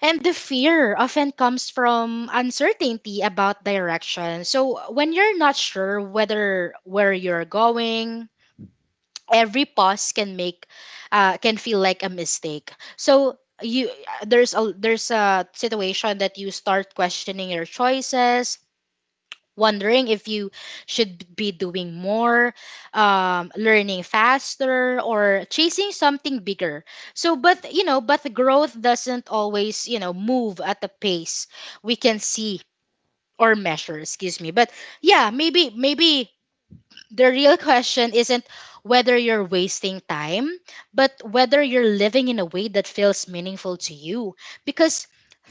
Speaker 1: and the fear often comes from uncertainty about direction. So when you're not sure whether where you're going, every pause can make can feel like a mistake, so you there's a situation that you start questioning your choices, wondering if you should be doing more, learning faster or chasing something bigger. But you know, but growth doesn't, always you know, move at the pace we can see or measure, excuse me. But yeah, maybe the real question isn't whether you're wasting time, but whether you're living in a way that feels meaningful to you. Because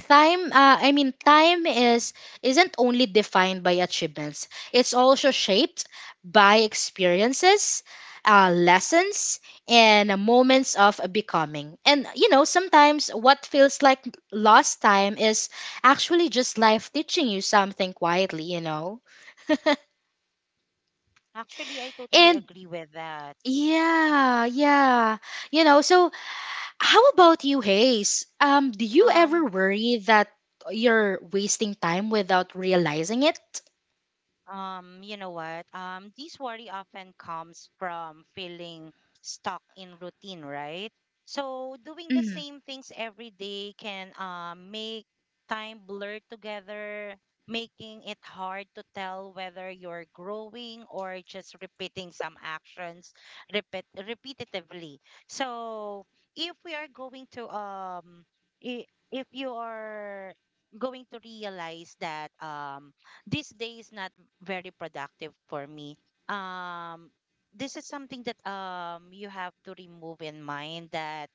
Speaker 1: time is isn't only defined by achievements. It's also shaped by experiences, lessons, and moments of becoming. And you know, sometimes what feels like lost time is actually just life teaching you something quietly. You know,
Speaker 2: Actually, I totally
Speaker 1: and
Speaker 2: agree with that.
Speaker 1: Yeah, yeah. You know, so how about you, Hayes? Do you
Speaker 2: Um,
Speaker 1: ever worry that you're wasting time without realizing it?
Speaker 2: You know what? This worry often comes from feeling stuck in routine, right? So doing the
Speaker 1: Mm,
Speaker 2: same things every day can, make time blur together, making it hard to tell whether you're growing or just repeating some actions repeat repetitively. So if we are going to, if you are going to realize that this day is not very productive for me. Um, this is something that you have to remove in mind that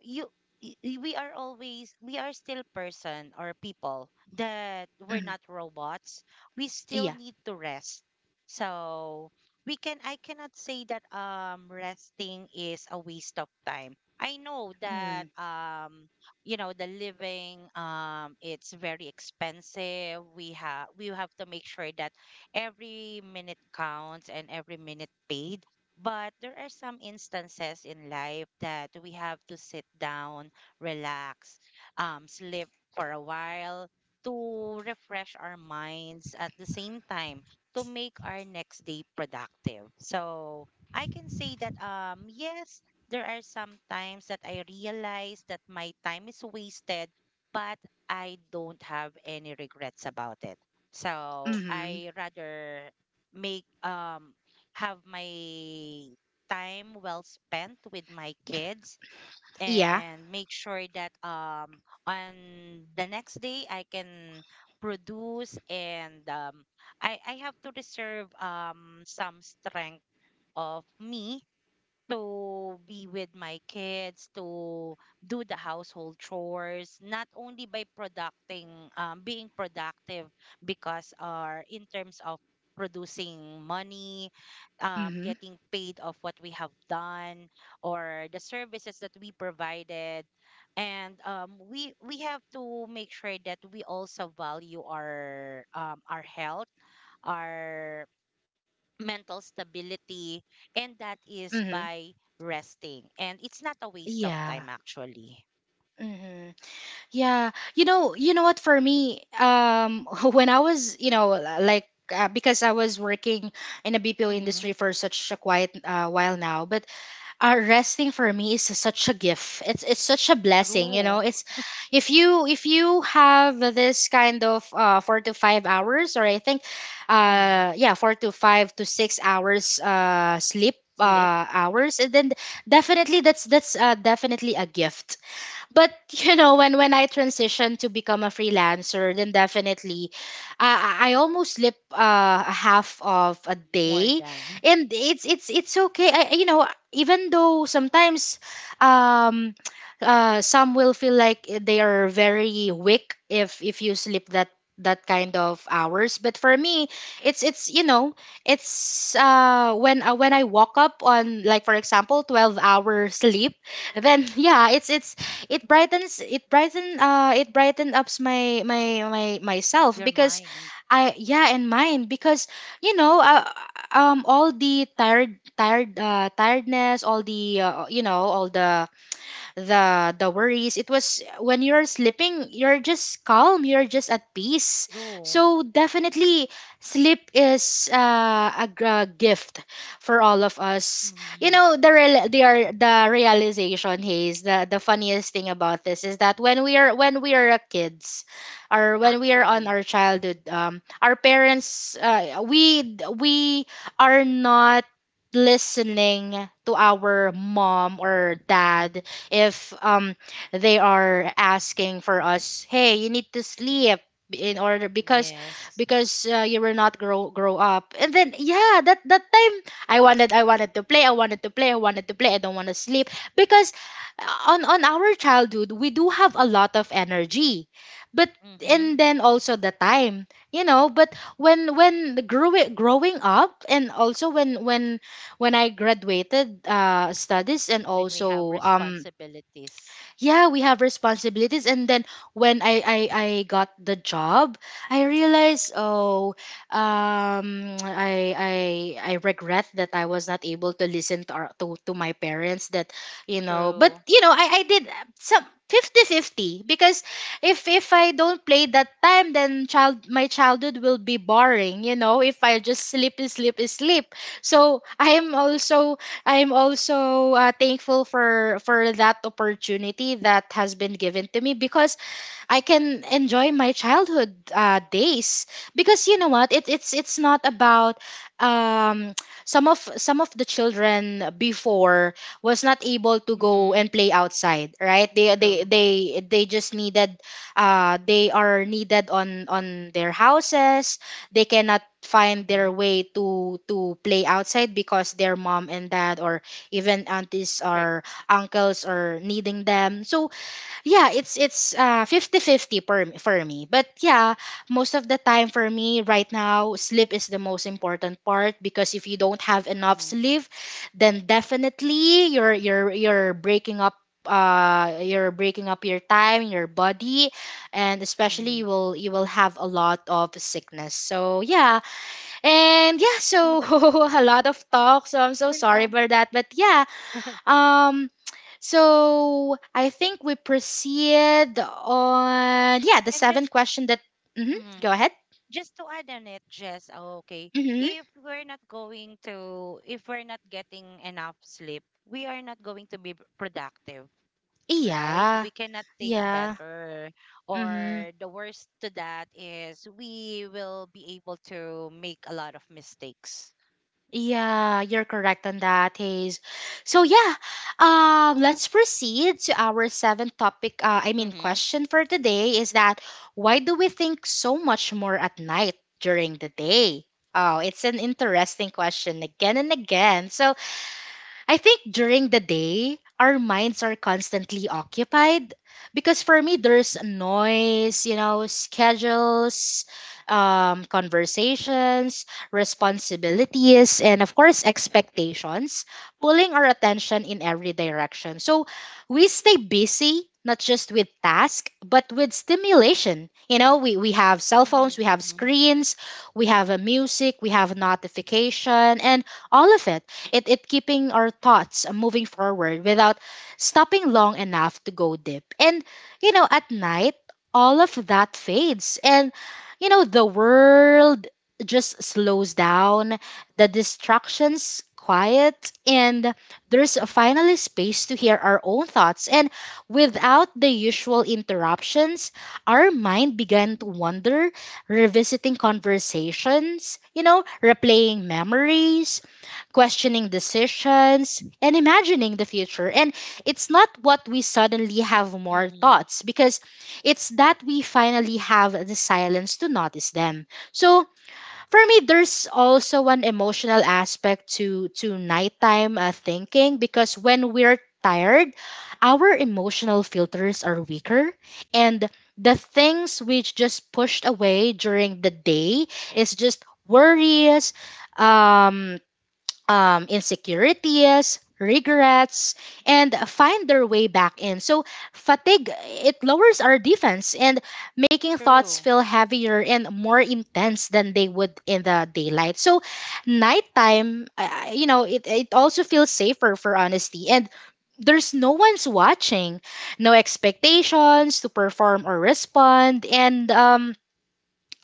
Speaker 2: you, we are still person or people that we're
Speaker 1: mm,
Speaker 2: not robots, we still
Speaker 1: yeah.
Speaker 2: need to rest. So we can, I cannot say that resting is a waste of time. I know that,
Speaker 1: Mm,
Speaker 2: you know, the living, it's very expensive. We have we have to make sure that every minute counts and every minute paid, but there are some instances in life that we have to sit down, relax, sleep for a while to refresh our minds at the same time to make our next day productive. So I can say that, yes, there are some times that I realize that my time is wasted, but I don't have any regrets about it. So
Speaker 1: mm,
Speaker 2: I rather make, have my time well spent with my kids
Speaker 1: yeah.
Speaker 2: and make sure that on the next day I can produce and, I have to reserve some strength of me to be with my kids, to do the household chores, not only by producting, being productive because, or in terms of producing money,
Speaker 1: Mm,
Speaker 2: getting paid of what we have done or the services that we provided. And, we have to make sure that we also value our, our health, our mental stability, and that is
Speaker 1: mm,
Speaker 2: by resting, and it's not a waste of
Speaker 1: yeah.
Speaker 2: time actually.
Speaker 1: Mm, yeah. You know what? For me, when I was, you know, like. Because I was working in a BPO
Speaker 2: Mm-hmm.
Speaker 1: industry for such a quiet while now, but resting for me is such a gift. It's such a blessing, you
Speaker 2: True.
Speaker 1: know. It's if you have this kind of 4 to 5 hours, or I think,
Speaker 2: Mm-hmm.
Speaker 1: yeah, 4 to 5 to 6 hours sleep
Speaker 2: Sleep
Speaker 1: hours, and then definitely that's definitely a gift. But you know, when I transitioned to become a freelancer, then definitely I almost slip a half of a
Speaker 2: more
Speaker 1: day,
Speaker 2: than
Speaker 1: and it's okay. You know, even though sometimes um some will feel like they are very weak if you sleep that that kind of hours. But for me, it's, you know, it's when I walk up on, like, for example, 12-hour sleep, then yeah, it's it brightens it brighten it brightened ups my myself,
Speaker 2: your
Speaker 1: because
Speaker 2: mind.
Speaker 1: I yeah, and mine, because you know, all the tiredness, all the, you know, all the worries, it was, when you're sleeping, you're just calm, you're just at peace.
Speaker 2: True.
Speaker 1: So definitely sleep is a, a gift for all of us. You
Speaker 2: Mm-hmm.
Speaker 1: know, the realization, Hayes, the funniest thing about this is that when we are a kids, or when we are on
Speaker 2: Actually,
Speaker 1: our childhood, our parents, we are not listening to our mom or dad, if they are asking for us, hey, you need to sleep in order, because
Speaker 2: yes.
Speaker 1: you were not grow up, and then yeah, that that time I wanted, I wanted to play, I wanted to play, I wanted to play, I don't want to sleep, because on our childhood, we do have a lot of energy. But
Speaker 2: Mm-hmm.
Speaker 1: and then also the time, you know. But when grew it growing up, and also when I graduated studies, and
Speaker 2: When we have
Speaker 1: also
Speaker 2: responsibilities.
Speaker 1: yeah, we have responsibilities, and then when I got the job, I realized, oh, um, I I I regret that I was not able to listen to our, to my parents. That, you know, but
Speaker 2: True.
Speaker 1: you know, I did some 50-50, because if I don't play that time, then child my childhood will be boring, you know, if I just sleep. So I am also, I'm also thankful for that opportunity that has been given to me, because I can enjoy my childhood days. Because you know what, it's not about um, some of the children before was not able to go
Speaker 2: Mm-hmm.
Speaker 1: and play outside, right? they they
Speaker 2: True.
Speaker 1: they, they just needed, they are needed on their houses. They cannot find
Speaker 2: Mm-hmm.
Speaker 1: their way to play outside, because their mom and dad or even aunties
Speaker 2: Correct.
Speaker 1: or uncles are needing them. So yeah, it's 50 50 for me, but yeah, most of the time for me right now, sleep is the most important part, because if you don't have enough
Speaker 2: Mm-hmm.
Speaker 1: sleep, then definitely you're breaking up, you're breaking up your time, your body, and especially
Speaker 2: Mm-hmm.
Speaker 1: you will, you will have a lot of sickness. So yeah, and yeah, so
Speaker 2: and
Speaker 1: a lot of talk, so I'm so
Speaker 2: and
Speaker 1: sorry
Speaker 2: um
Speaker 1: for that, but yeah, um, so I think we proceed on, yeah, the
Speaker 2: and
Speaker 1: seventh
Speaker 2: just
Speaker 1: question that. Hmm,
Speaker 2: Mhm.
Speaker 1: go ahead.
Speaker 2: Just to add on it, Jess, oh, okay,
Speaker 1: Mm-hmm.
Speaker 2: if we're not going to, if we're not getting enough sleep, we are not going to be productive, right?
Speaker 1: Yeah,
Speaker 2: We cannot think
Speaker 1: yeah.
Speaker 2: better.
Speaker 1: Mm-hmm.
Speaker 2: Or the worst to that is we will be able to make a lot of mistakes.
Speaker 1: Yeah, you're correct on that, Hayes. So yeah, let's proceed to our seventh topic.
Speaker 2: Mm-hmm.
Speaker 1: Question for today is that, why do we think so much more at night during the day? Oh, it's an interesting question, again and again. So I think during the day, our minds are constantly occupied, because for me, there's noise, you know, schedules, conversations, responsibilities, and of course, expectations pulling our attention in every direction. So we stay busy, not just with task, but with stimulation. You know, we have cell phones, we
Speaker 2: Mm-hmm.
Speaker 1: have
Speaker 2: Mm-hmm.
Speaker 1: screens, we have a music, we have notification, and all of it, it keeping our thoughts moving forward without stopping long enough to go deep. And you know, at night, all of that fades, and you know, the world just slows down, the distractions quiet, and there's finally space to hear our own thoughts. And without the usual interruptions, our mind began to wander, revisiting conversations, you know, replaying memories, questioning decisions, and imagining the future. And it's not what we suddenly have more
Speaker 2: Mm-hmm.
Speaker 1: thoughts, because it's that we finally have the silence to notice them. So for me, there's also an emotional aspect to nighttime thinking, because when we're tired, our emotional filters are weaker, and the things which just pushed away during the day is just worries, um, insecurities, regrets, and find their way back in. So fatigue, it lowers our defense and making thoughts
Speaker 2: True.
Speaker 1: feel heavier and more intense than they would in the daylight. So nighttime, you know, it also feels safer for honesty. And there's no one's watching, no expectations to perform or respond. And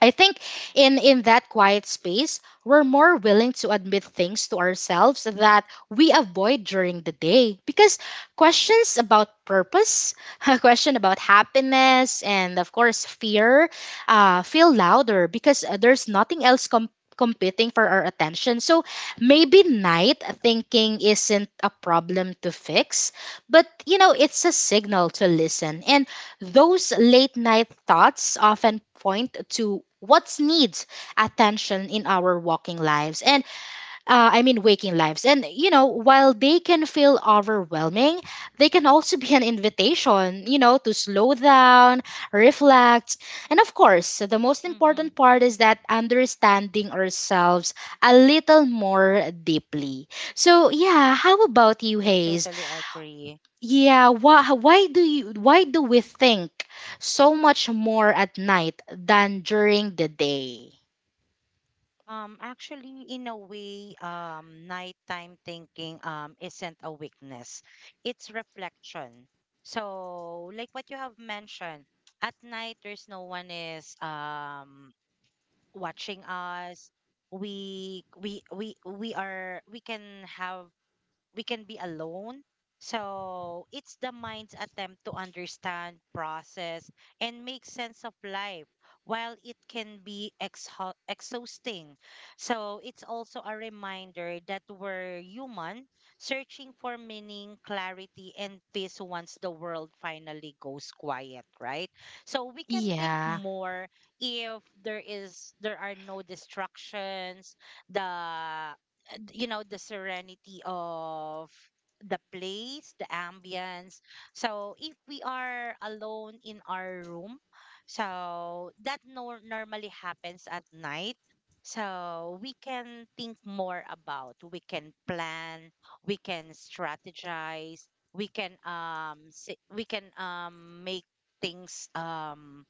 Speaker 1: I think in that quiet space, we're more willing to admit things to ourselves that we avoid during the day, because questions about purpose, a question about happiness, and of course fear, feel louder, because there's nothing else competing for our attention. So maybe night thinking isn't a problem to fix, but you know, it's a signal to listen, and those late night thoughts often point to what needs attention in our walking lives and I mean waking lives. And you know, while they can feel overwhelming, they can also be an invitation, you know, to slow down, reflect, and of course, the most
Speaker 2: Mm-hmm.
Speaker 1: important part is that understanding ourselves a little more deeply. So yeah, how about you,
Speaker 2: I
Speaker 1: Hayes?
Speaker 2: totally agree.
Speaker 1: Yeah, why do you why do we think so much more at night than during the day?
Speaker 2: Actually, in a way, nighttime thinking, isn't a weakness, it's reflection. So, like what you have mentioned, at night there's no one is, watching us. We are we can have we can be alone. So it's the mind's attempt to understand, process, and make sense of life while it can be exhausting. So it's also a reminder that we're human, searching for meaning, clarity, and peace once the world finally goes quiet, right? So we can think
Speaker 1: Yeah.
Speaker 2: more if there are no distractions, the, and, you know, the serenity of the place, the ambience. So if we are alone in our room, so that normally happens at night. So we can think more about, we can plan, we can strategize, we can, say, we can, make things,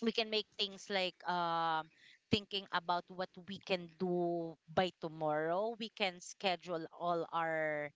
Speaker 2: we can make things like, thinking about what we can do by tomorrow, we can schedule all our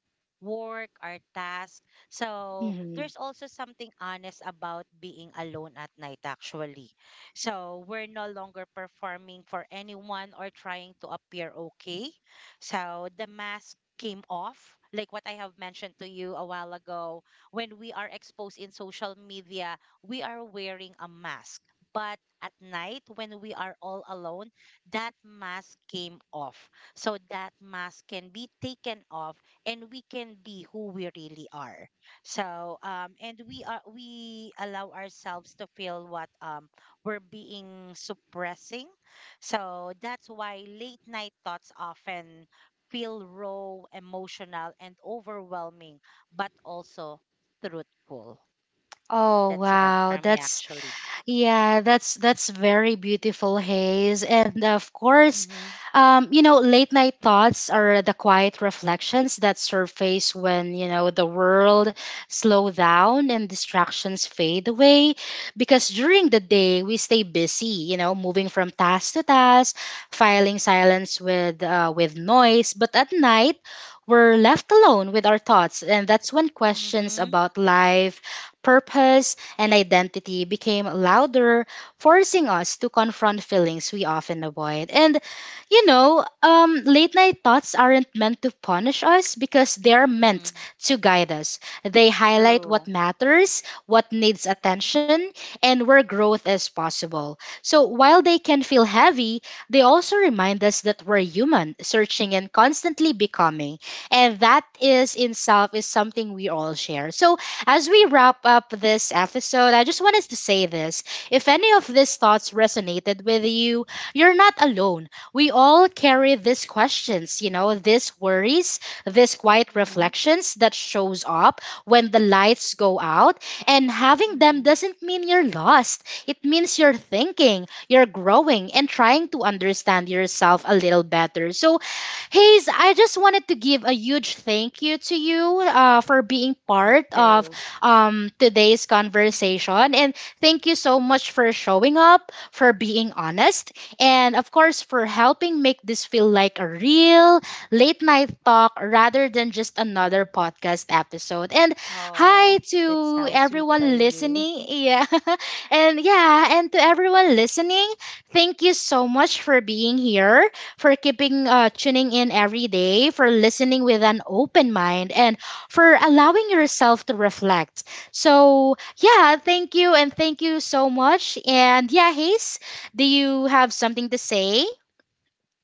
Speaker 2: work, our task. So
Speaker 1: Mhm.
Speaker 2: there's also something honest about being alone at night actually. So we're no longer performing for anyone or trying to appear okay. So the mask came off, like what I have mentioned to you a while ago, when we are exposed in social media we are wearing a mask. But at night, when we are all alone, that mask came off. So that mask can be taken off and we can be who we really are. So, and we are, we allow ourselves to feel what, we're being suppressing. So that's why late night thoughts often feel raw, emotional, and overwhelming, but also truthful.
Speaker 1: Oh
Speaker 2: That's one
Speaker 1: wow,
Speaker 2: for me
Speaker 1: that's—
Speaker 2: actually.
Speaker 1: Yeah, that's very beautiful, Haze. And of course,
Speaker 2: Mhm.
Speaker 1: you know, late night thoughts are the quiet reflections that surface when, you know, the world slow down and distractions fade away. Because during the day, we stay busy, you know, moving from task to task, filing silence with noise. But at night, we're left alone with our thoughts, and that's when questions
Speaker 2: Mhm,
Speaker 1: about life, purpose and identity became louder, forcing us to confront feelings we often avoid. And you know, late night thoughts aren't meant to punish us, because they're meant
Speaker 2: mhm.
Speaker 1: to guide us. They highlight
Speaker 2: True.
Speaker 1: what matters, what needs attention, and where growth is possible. So while they can feel heavy, they also remind us that we're human, searching and constantly becoming. And that is in self is something we all share. So as we wrap up this episode, I just wanted to say this. If any of these thoughts resonated with you, you're not alone. We all carry these questions, you know, these worries, these quiet
Speaker 2: Mhm,
Speaker 1: reflections that shows up when the lights go out. And having them
Speaker 2: mhm.
Speaker 1: doesn't mean you're lost. It means you're thinking, you're growing, and trying to understand yourself a little better. So Hayes, I just wanted to give a huge thank you to you for being
Speaker 2: Me
Speaker 1: part of
Speaker 2: too.
Speaker 1: today's conversation. And thank you so much for showing up, for being honest, and of course, for helping make this feel like a real late night talk rather than just another podcast episode. And
Speaker 2: Oh,
Speaker 1: hi
Speaker 2: that's
Speaker 1: to
Speaker 2: how sweet are
Speaker 1: everyone
Speaker 2: you.
Speaker 1: listening. Yeah. and yeah, and to everyone listening, thank you so much for being here, for keeping tuning in every day, for listening with an open mind, and for allowing yourself to reflect. So yeah, thank you and thank you so much. And yeah, Hayes, do you have something to say?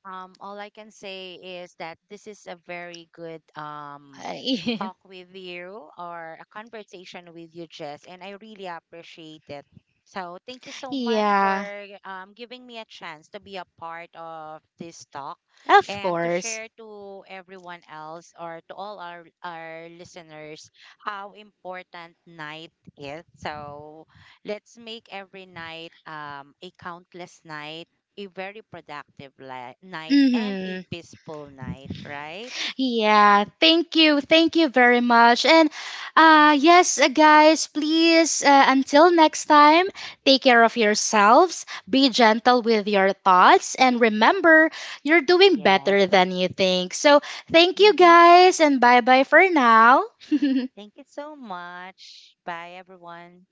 Speaker 2: All I can say is that this is a very good, talk with you, or a conversation with you, Jess, and I really appreciate it. So thank you so much for,
Speaker 1: Yeah,
Speaker 2: giving me a chance to be a part of this talk
Speaker 1: of
Speaker 2: and to
Speaker 1: course.
Speaker 2: share to everyone else, or to all our listeners how important night is. So let's make every night, a countless night, a very productive night, and a
Speaker 1: Mhm.
Speaker 2: peaceful night, right?
Speaker 1: Yeah, thank you. Thank you very much. And yes, guys, please, until next time, take care of yourselves, be gentle with your thoughts, and remember, you're doing
Speaker 2: Yes.
Speaker 1: better than you think. So thank you
Speaker 2: Hmm.
Speaker 1: guys and bye-bye for now.
Speaker 2: Thank you so much. Bye, everyone.